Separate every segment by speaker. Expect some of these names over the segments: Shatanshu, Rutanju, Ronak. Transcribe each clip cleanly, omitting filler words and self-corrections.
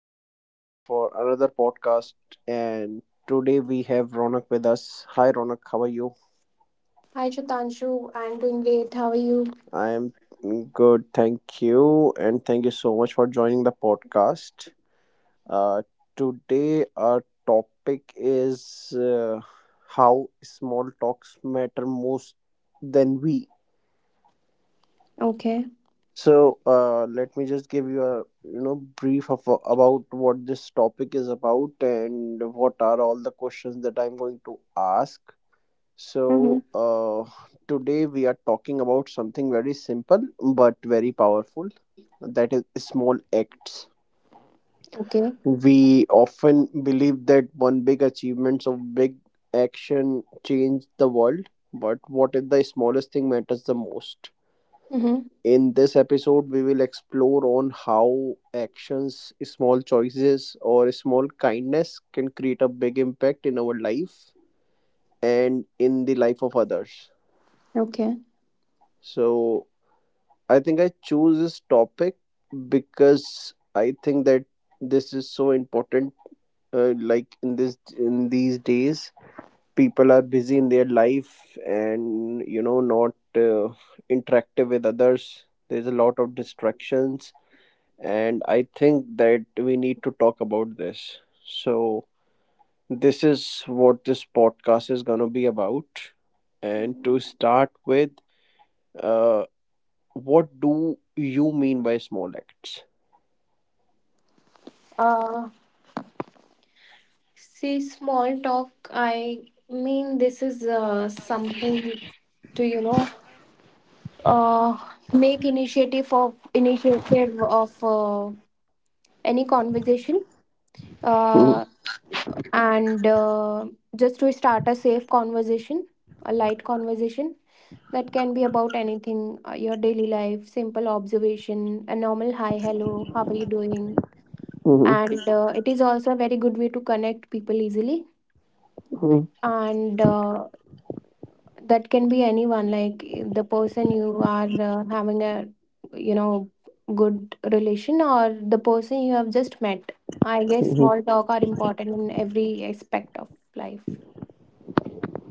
Speaker 1: and we are here for another podcast. And today we have Ronak with us. Hi, Ronak. How are you?
Speaker 2: Hi, Shatanshu. I'm doing great. How are you?
Speaker 1: I am good. Thank you. And thank you so much for joining the podcast. Uh, Today, our topic is how small talks matter most than we.
Speaker 2: Okay.
Speaker 1: So, let me just give you a brief of, about what this topic is about and what are all the questions that I'm going to ask.
Speaker 2: Mm-hmm.
Speaker 1: So, today we are talking about something very simple but very powerful, that is small acts.
Speaker 2: Okay.
Speaker 1: We often believe that one big achievements of big action change the world, but what if the smallest thing matters the most?
Speaker 2: Mm-hmm.
Speaker 1: In this episode, we will explore on how actions, small choices, or small kindness can create a big impact in our life and in the life of others.
Speaker 2: Okay.
Speaker 1: So, I think I choose this topic because I think that this is so important. Like in this in these days, people are busy in their life and not interactive with others. There's a lot of distractions, and I think that we need to talk about this. So, this is what this podcast is going to be about. And to
Speaker 2: Mhm.
Speaker 1: start with, uh, what do you mean by small acts?
Speaker 2: Uh, see, small talk. I mean, this is something to uh, make initiative of any conversation,
Speaker 1: Mm-hmm.
Speaker 2: uh, and just to start a safe conversation, a light conversation. That can be about anything, your daily life, simple observation, a normal hi, hello, how are you doing? And it is also a very good way to connect people easily.
Speaker 1: Hmm.
Speaker 2: And that can be anyone, like, the person you are having a you know good relation, or the person you have just met. I guess small talk are important in every aspect of life.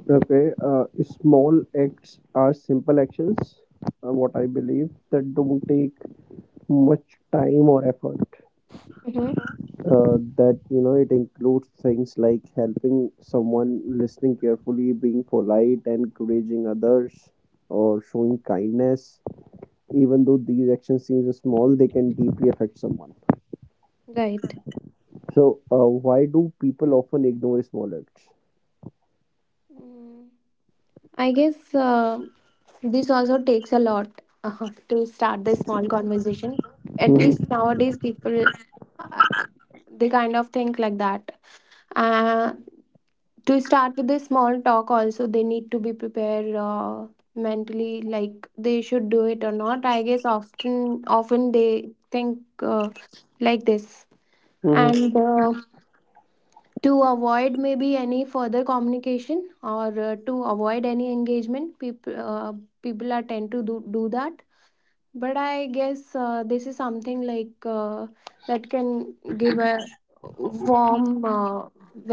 Speaker 1: Okay, small acts are simple actions, what I believe, that don't take much time or effort.
Speaker 2: Mm-hmm.
Speaker 1: That you know it includes things like helping someone, listening carefully, being polite and encouraging others, or showing kindness. Even though these actions seem small, they can deeply affect someone.
Speaker 2: Right.
Speaker 1: So why do people often ignore small acts?
Speaker 2: Mm. I guess this also takes a lot to start the small conversation. At least
Speaker 1: Mhm.
Speaker 2: nowadays, people, uh, they kind of think like that. Uh, to start with the small talk, also they need to be prepared, mentally, like they should do it or not. I guess often they think, like this.
Speaker 1: Mhm.
Speaker 2: And to avoid maybe any further communication, or to avoid any engagement, people are tend to do that. But I guess this is something like, that can give a warm,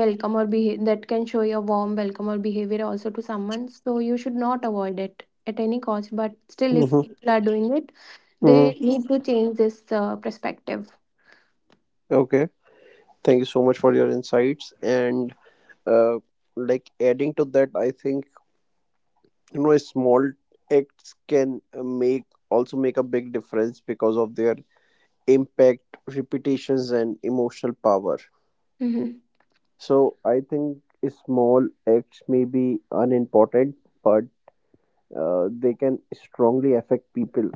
Speaker 2: welcome or behavior, that can show your warm welcome or behavior also to someone, so you should not avoid it at any cost. But still, if
Speaker 1: Mhm.
Speaker 2: people are doing it, they
Speaker 1: Mhm.
Speaker 2: need to change this perspective.
Speaker 1: Okay, thank you so much for your insights. And uh, like adding to that, I think small acts can make a big difference because of their impact, repetitions, and emotional power.
Speaker 2: Hmm.
Speaker 1: So I think small acts may be unimportant, but they can strongly affect people.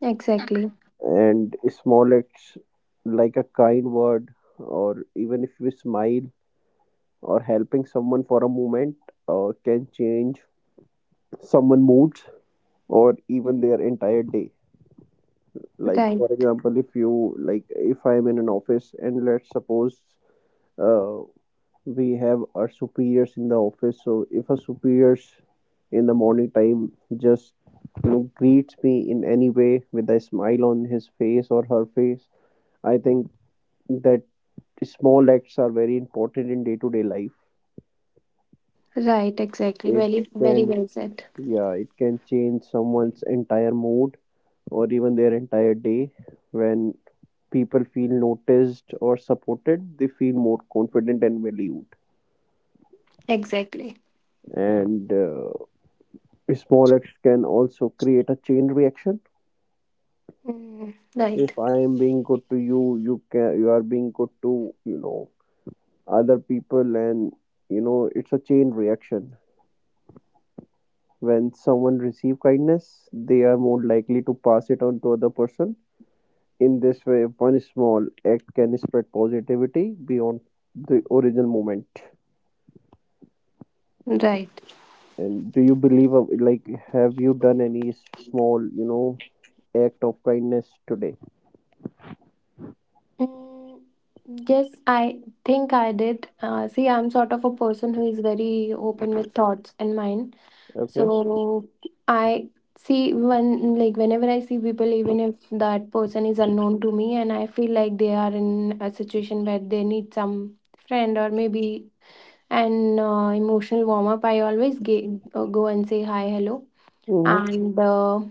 Speaker 2: Exactly.
Speaker 1: And small acts like a kind word, or even if you smile, or helping someone for a moment, can change someone's moods or even their entire day. Like for
Speaker 2: Right.
Speaker 1: example, if you like, if I'm in an office and let's suppose uh, we have our superiors in the office, so if a superiors in the morning time just greets me in any way with a smile on his face or her face, I think that small acts are very important in day to day life.
Speaker 2: Right, exactly.
Speaker 1: It
Speaker 2: Very, very
Speaker 1: can—
Speaker 2: well said.
Speaker 1: yeah, it can change someone's entire mood or even their entire day. When people feel noticed or supported, they feel more confident and valued.
Speaker 2: Exactly.
Speaker 1: And small acts can also create a chain reaction.
Speaker 2: Mm, right,
Speaker 1: If I am being good to you, you can— you are being good to you know other people. And it's a chain reaction. When someone receive kindness, they are more likely to pass it on to other person. In this way, one small act can spread positivity beyond the original moment.
Speaker 2: right.
Speaker 1: And do you believe have you done any small act of kindness today?
Speaker 2: Mm, yes, I think I did. See, I'm sort of a person who is very open with thoughts and mind.
Speaker 1: Okay.
Speaker 2: So I see, when, like, whenever I see people, even if that person is unknown to me, and I feel like they are in a situation where they need some friend or maybe an emotional warm up, I always go and say hi, hello, and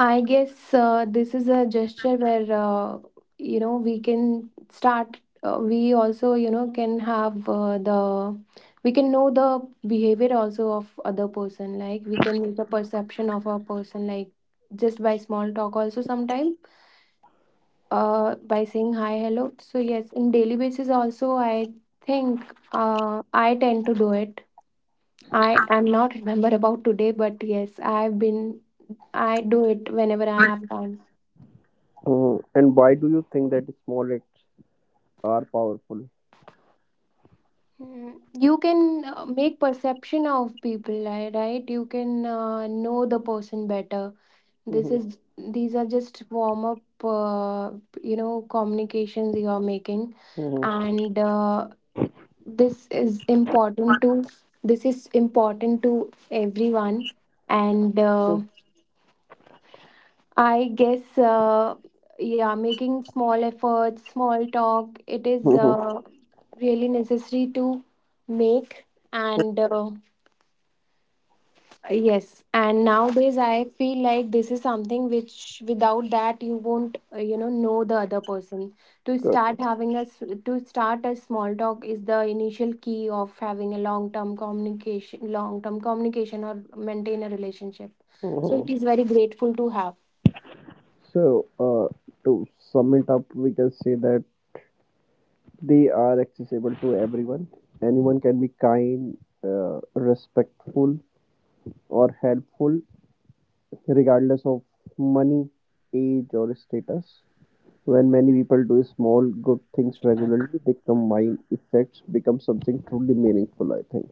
Speaker 2: I guess this is a gesture where, we can start. We also can have the we can know the behavior also of other person. Like we can make a perception of a person, like, just by small talk. Also sometimes by saying hi, hello. So yes, in daily basis also I think, I tend to do it. I am not remember about today, but yes, I do it whenever I have time.
Speaker 1: Mm, and why do you think that small acts are powerful?
Speaker 2: Mm, you can make perception of people, right? You can know the person better. This
Speaker 1: Mhm.
Speaker 2: is These are just warm up, communications you are making,
Speaker 1: Mhm.
Speaker 2: and this is important to this is important to everyone. And I guess, yeah, making small efforts, small talk, it is
Speaker 1: Mhm.
Speaker 2: really necessary to make and. Yes, and nowadays I feel like this is something which without that you won't, know the other person.
Speaker 1: Good.
Speaker 2: To start a small talk is the initial key of having a long term communication, or maintain a relationship. So
Speaker 1: Mhm.
Speaker 2: it is very grateful to have.
Speaker 1: So, uh, to sum it up, we can say that they are accessible to everyone. Anyone can be kind, respectful, or helpful, regardless of money, age, or status. When many people do small good things regularly, they combine effects, become something truly meaningful, I think.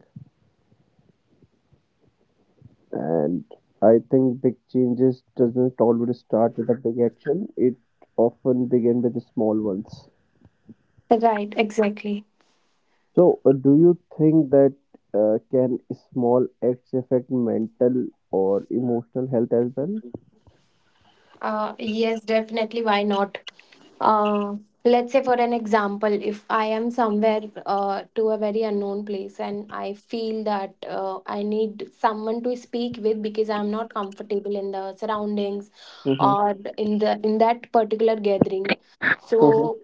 Speaker 1: And I think big changes doesn't always start with a big action. It often begins with the small ones.
Speaker 2: Right, exactly.
Speaker 1: So, do you think that can small acts affect mental or emotional health as well?
Speaker 2: Yes, definitely. Why not? uh, let's say for an example, if I am somewhere to a very unknown place, and I feel that I need someone to speak with because I'm not comfortable in the surroundings,
Speaker 1: Mm-hmm.
Speaker 2: or in the in that particular gathering, so,
Speaker 1: Mhm.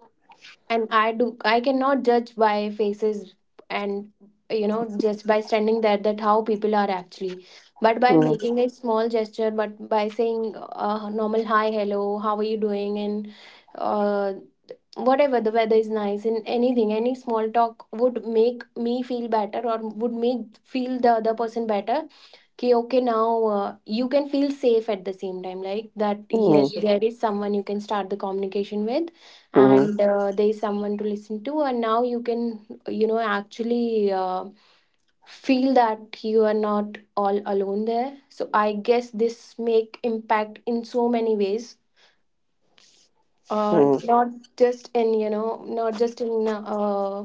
Speaker 2: and I cannot judge by faces, and just by standing there that how people are actually. But by
Speaker 1: Mhm.
Speaker 2: making a small gesture, but by saying normal hi, hello, how are you doing? And uh, whatever, the weather is nice, and anything, any small talk would make me feel better or would make feel the other person better. Okay, okay, now, you can feel safe at the same time, like that, yes,
Speaker 1: Mhm.
Speaker 2: there is someone you can start the communication with,
Speaker 1: Mhm.
Speaker 2: and there is someone to listen to, and now you can actually feel that you are not all alone there, so I guess this make impact in so many ways.
Speaker 1: Mhm.
Speaker 2: Not just in you know Not just in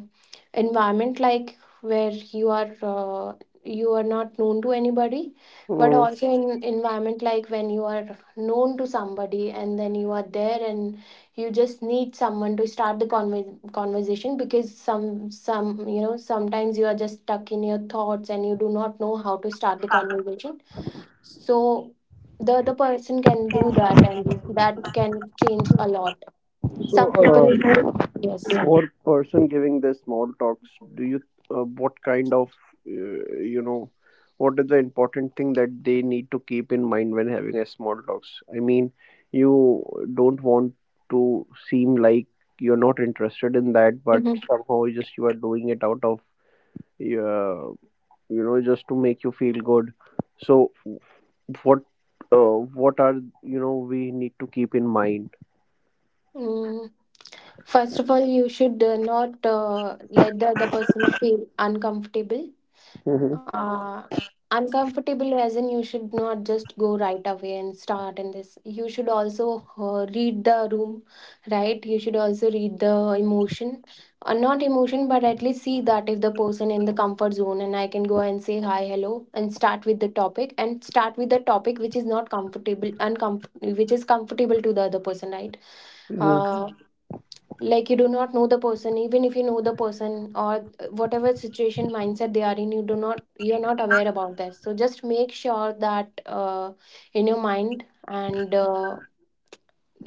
Speaker 2: environment like where you are, you are not known to anybody. But
Speaker 1: Mhm.
Speaker 2: also in environment like when you are known to somebody, and then you are there, and you just need someone to start the conversation, because sometimes you are just stuck in your thoughts, and you do not know how to start the conversation. So the person can do that, and that can change a lot.
Speaker 1: So,
Speaker 2: Some people, yes.
Speaker 1: for person giving the small talks, do you what kind of uh, you know what is the important thing that they need to keep in mind when having a small talks? I mean, you don't want to seem like you're not interested in that, but
Speaker 2: Mhm.
Speaker 1: somehow just you are doing it out of uh, just to make you feel good. So what uh, what are you know we need to keep in mind?
Speaker 2: Mm. First of all, you should not let the other person feel uncomfortable.
Speaker 1: Mhm.
Speaker 2: uh, uncomfortable as in, you should not just go right away and start in this. You should also read the room, right, you should also read the emotion. Not emotion, but at least see that if the person in the comfort zone, and I can go and say hi, hello, and start with the topic, which is not comfortable, which is comfortable to the other person, right?
Speaker 1: Mhm.
Speaker 2: Uh, like you do not know the person, even if you know the person or whatever situation mindset they are in, you're not aware about this. So just make sure that, in your mind, and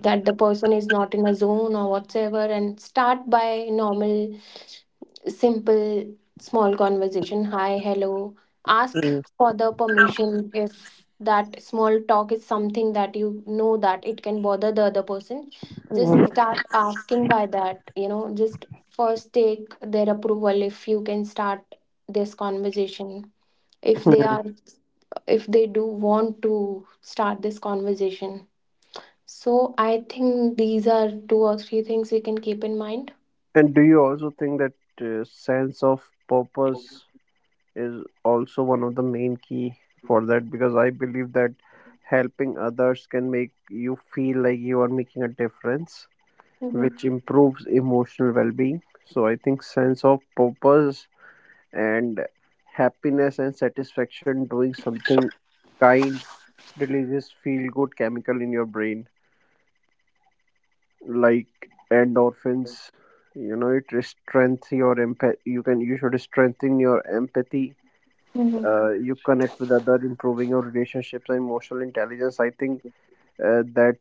Speaker 2: that the person is not in a zone or whatsoever, and start by normal, simple, small conversation, hi, hello. Ask for the permission if that small talk is something that you know that it can bother the other person. Just,
Speaker 1: Mhm.
Speaker 2: Mhm, start asking by that, just first take their approval if you can start this conversation, if they are, if they do want to start this conversation. So I think these are two or three things we can keep in mind.
Speaker 1: And do you also think that sense of purpose is also one of the main key for that? Because I believe that helping others can make you feel like you are making a difference,
Speaker 2: Mm-hmm.
Speaker 1: which improves emotional well-being. So I think sense of purpose and happiness and satisfaction doing something kind releases feel good chemical in your brain, like endorphins. It strengthens your empath— you can— you should strengthen your empathy.
Speaker 2: Mm-hmm.
Speaker 1: You connect with other, improving your relationships and emotional intelligence. I think uh, that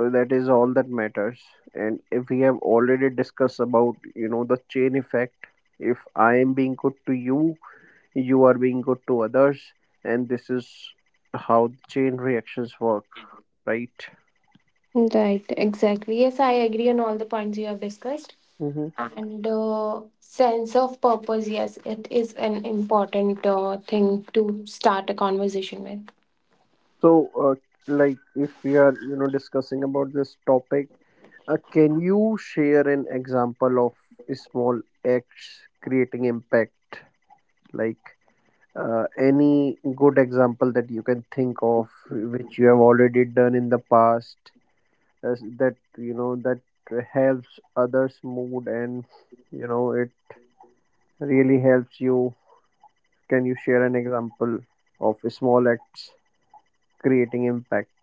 Speaker 1: that is all that matters. And if we have already discussed about the chain effect, if I am being good to you, you are being good to others, and this is how chain reactions work, right?
Speaker 2: Right, exactly. Yes, I agree on all the points you have discussed.
Speaker 1: Hmm.
Speaker 2: And sense of purpose, yes, it is an important thing to start a conversation with.
Speaker 1: So, like, if we are, discussing about this topic, can you share an example of a small acts creating impact? Like, any good example that you can think of, which you have already done in the past, as that that helps others' mood, and it really helps you. Can you share an example of a small acts creating impact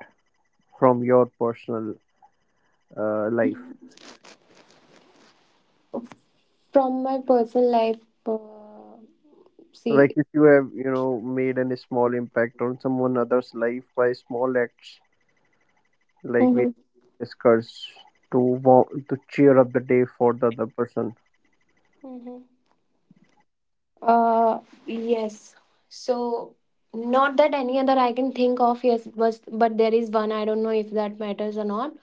Speaker 1: from your personal life?
Speaker 2: From my personal life, uh, see.
Speaker 1: Like if you have made any small impact on someone other's life by small acts, like we
Speaker 2: Mhm.
Speaker 1: discussed, to to cheer up the day for the other person.
Speaker 2: Mhm. uh, yes. So, not that any other I can think of, yes, but there is one, I don't know if that matters or not,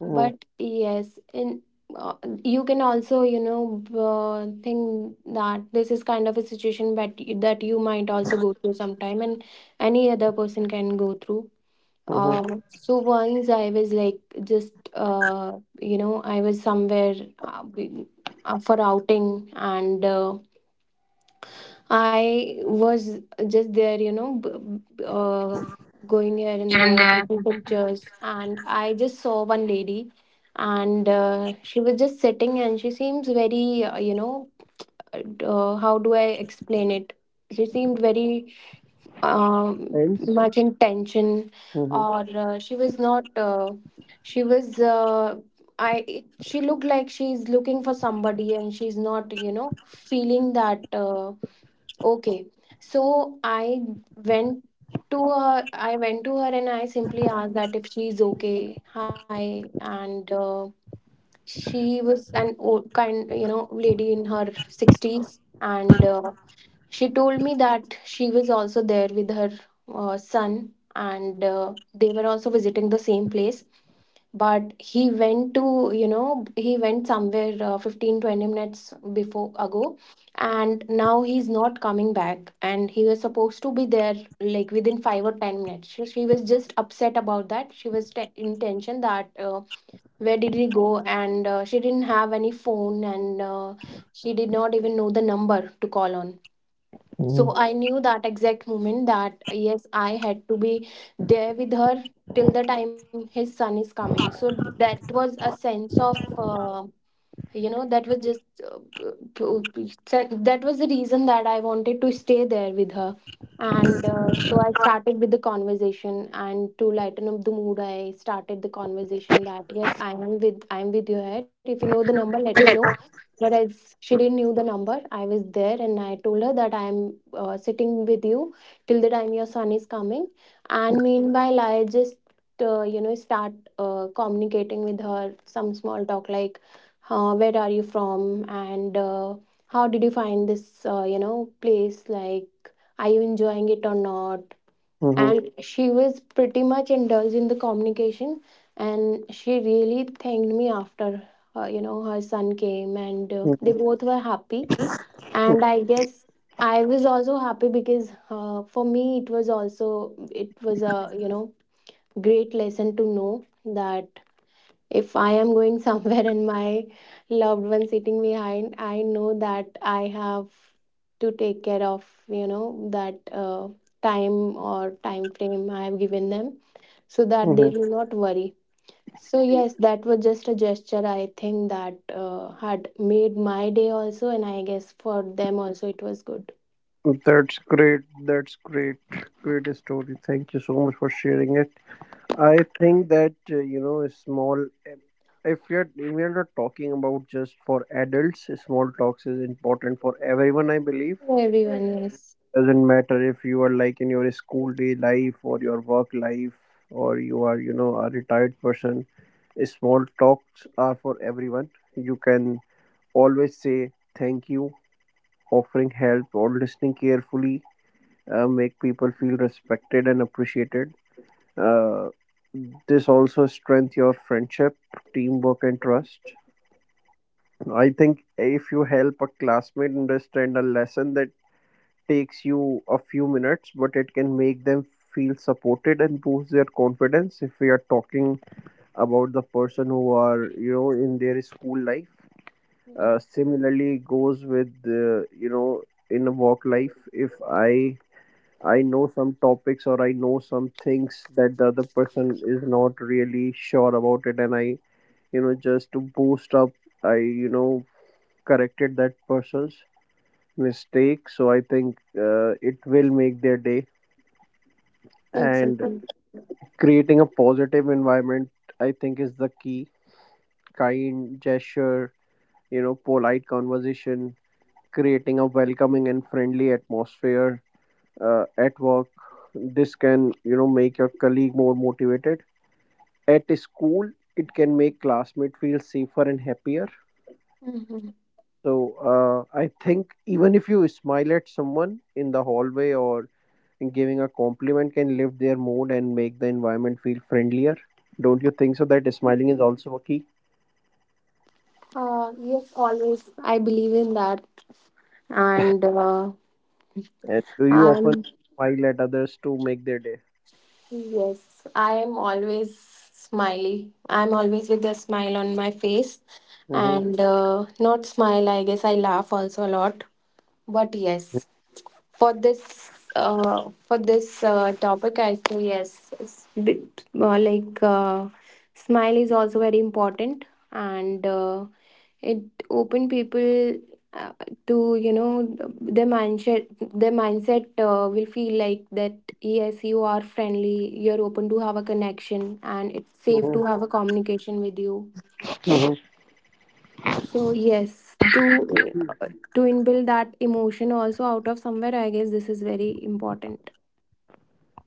Speaker 1: Hmm.
Speaker 2: but yes, in uh, you can also think that this is kind of a situation that you might also go through sometime, and any other person can go through.
Speaker 1: Hmm.
Speaker 2: So once I was like, just, I was somewhere, uh, we- for outing, and, I was just there, you know, b- uh, going here and
Speaker 1: And
Speaker 2: there, taking pictures, and I just saw one lady, and she was just sitting, and she seems very, how do I explain it? She seemed very
Speaker 1: hence.
Speaker 2: much in tension,
Speaker 1: Hmm.
Speaker 2: or she was not. She was. She looked like she's looking for somebody, and she's not, you know, feeling that. Okay. So went I went to her and I simply asked that if she's okay. Hi. And she was an old kind, lady in her 60s. And she told me that she was also there with her son, and they were also visiting the same place, but he went to you know he went somewhere 15 20 minutes before ago, and now he's not coming back, and he was supposed to be there like within 5 or 10 minutes. She was just upset about that. She was in tension that, where did he go, and she didn't have any phone, and she did not even know the number to call on.
Speaker 1: Hmm.
Speaker 2: So I knew that exact moment that yes, I had to be there with her till the time his son is coming. So that was a sense of, that was just, uh, that was the reason that I wanted to stay there with her. And so I started with the conversation, and to lighten up the mood, I started the conversation that yes, I am with you here. If you know the number, let me know. But as she didn't knew the number, I was there and I told her that I am sitting with you till the time your son is coming. And meanwhile I just start communicating with her some small talk like, where are you from, and how did you find this place, like, are you enjoying it or not?
Speaker 1: Mm-hmm.
Speaker 2: And she was pretty much indulged in the communication, and she really thanked me after her son came, and they both were happy. And I guess I was also happy because for me, it was also, it was a great lesson to know, that if I am going somewhere and my loved one sitting behind, I know that I have to take care of, that time or time frame I have given them, so that they
Speaker 1: Mm-hmm.
Speaker 2: do not worry. So yes, that was just a gesture I think that had made my day also, and I guess for them also, it was good.
Speaker 1: That's great. That's great. Great story. Thank you so much for sharing it. I think that a small eh, if you're we are not talking about just for adults, small talks is important for everyone. I believe
Speaker 2: For everyone, yes.
Speaker 1: doesn't matter if you are like in your school day life or your work life, or you are a retired person. Small talks are for everyone. You can always say thank you, offering help or listening carefully. Make people feel respected and appreciated. uh, this also strength your friendship, teamwork, and trust. I think if you help a classmate understand a lesson that takes you a few minutes, but it can make them feel supported and boost their confidence, if we are talking about the person who are in their school life.
Speaker 2: Mhm.
Speaker 1: Similarly goes with in a work life. If I know some topics or I know some things that the other person is not really sure about it, and I, just to boost up, I, corrected that person's mistake. So I think it will make their day. And
Speaker 2: Exactly.
Speaker 1: creating a positive environment, I think, is the key. Kind gesture, polite conversation, creating a welcoming and friendly atmosphere at work. This can, make your colleague more motivated. At school, it can make classmate feel safer and happier.
Speaker 2: Hmm.
Speaker 1: So I think even if you smile at someone in the hallway or giving a compliment can lift their mood and make the environment feel friendlier. Don't you think so? That smiling is also a key.
Speaker 2: Uh, yes, always. I believe in that. And
Speaker 1: And do you often
Speaker 2: I'm—
Speaker 1: smile at others to make their day?
Speaker 2: Yes, I am always smiley. I'm always with a smile on my face,
Speaker 1: Hmm.
Speaker 2: and not smile, I guess I laugh also a lot. But yes, for this topic, I say yes. It's bit, like, smile is also very important. And it open people, uh, to, you know their mindset their mindset will feel like that yes, you are friendly, you're open to have a connection, and it's safe to
Speaker 1: Hmm.
Speaker 2: have a communication with you.
Speaker 1: Hmm.
Speaker 2: So yes, to inbuild that emotion also out of somewhere, I guess this is very important.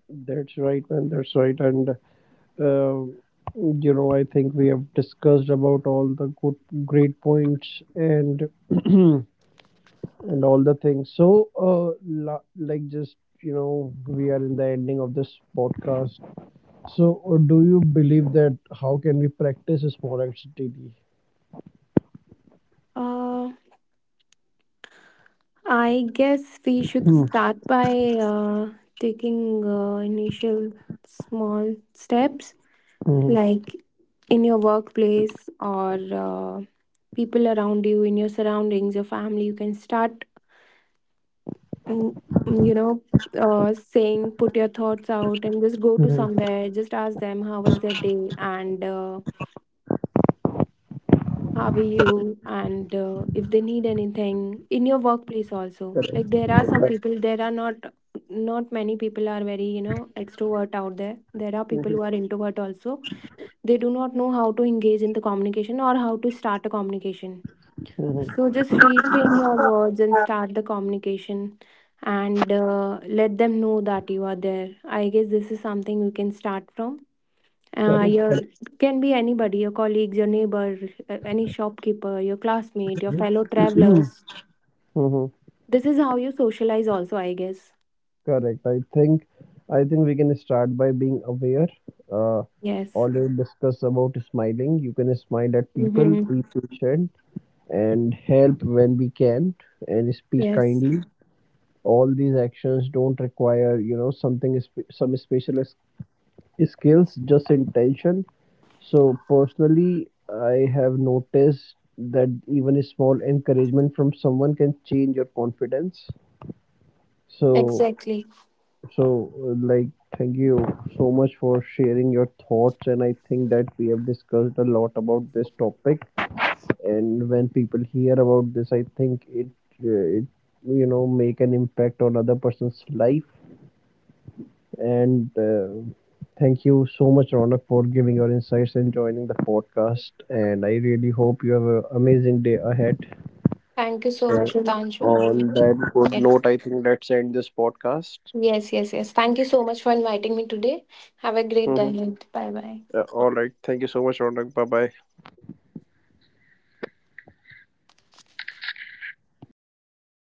Speaker 1: That's right, man. That's right. And, uh, I think we have discussed about all the good, great points and and all the things. So, just we are in the ending of this podcast. So, do you believe that how can we practice small acts daily?
Speaker 2: uh I guess we should
Speaker 1: Hmm.
Speaker 2: start by uh, taking initial small steps,
Speaker 1: Mhm.
Speaker 2: like, in your workplace or uh, people around you, in your surroundings, your family. You can start, mm, mm, you know, saying, put your thoughts out and just go to
Speaker 1: Mhm.
Speaker 2: somewhere. Just ask them, how was their day? And how are you? And if they need anything in your workplace also.
Speaker 1: Correct.
Speaker 2: Like, there are some
Speaker 1: Correct.
Speaker 2: people, there are not, many people are very extrovert out there, there are people
Speaker 1: Mhm.
Speaker 2: who are introvert also. They do not know how to engage in the communication or how to start a communication.
Speaker 1: Mhm.
Speaker 2: So just reframe your words and start the communication, and let them know that you are there. I guess this is something you can start from.
Speaker 1: Correct.
Speaker 2: Your
Speaker 1: Correct.
Speaker 2: can be anybody, your colleagues, your neighbor, any shopkeeper, your classmate, your fellow
Speaker 1: Mhm.
Speaker 2: travelers.
Speaker 1: Mhm.
Speaker 2: This is how you socialize also, I guess.
Speaker 1: Correct. I think we can start by being aware. Uh,
Speaker 2: Yes.
Speaker 1: already discuss about smiling. You can smile at people,
Speaker 2: Mm-hmm.
Speaker 1: be patient, and help when we can, and speak
Speaker 2: Yes.
Speaker 1: kindly. All these actions don't require something some special skills, just intention. So personally, I have noticed that even a small encouragement from someone can change your confidence. So,
Speaker 2: Exactly.
Speaker 1: so like, thank you so much for sharing your thoughts, and I think that we have discussed a lot about this topic. And when people hear about this, I think it uh, it make an impact on other person's life. And thank you so much, Ronak, for giving your insights and joining the podcast. And I really hope you have an amazing day ahead.
Speaker 2: Thank you so
Speaker 1: So,
Speaker 2: much, Rutanju.
Speaker 1: on that good
Speaker 2: Yes.
Speaker 1: note, I think let's end this podcast.
Speaker 2: Yes, yes, yes. Thank you so much for inviting me today. Have a great
Speaker 1: Mm-hmm.
Speaker 2: day. Bye bye.
Speaker 1: All right. Thank you so much, Ronak. Bye bye.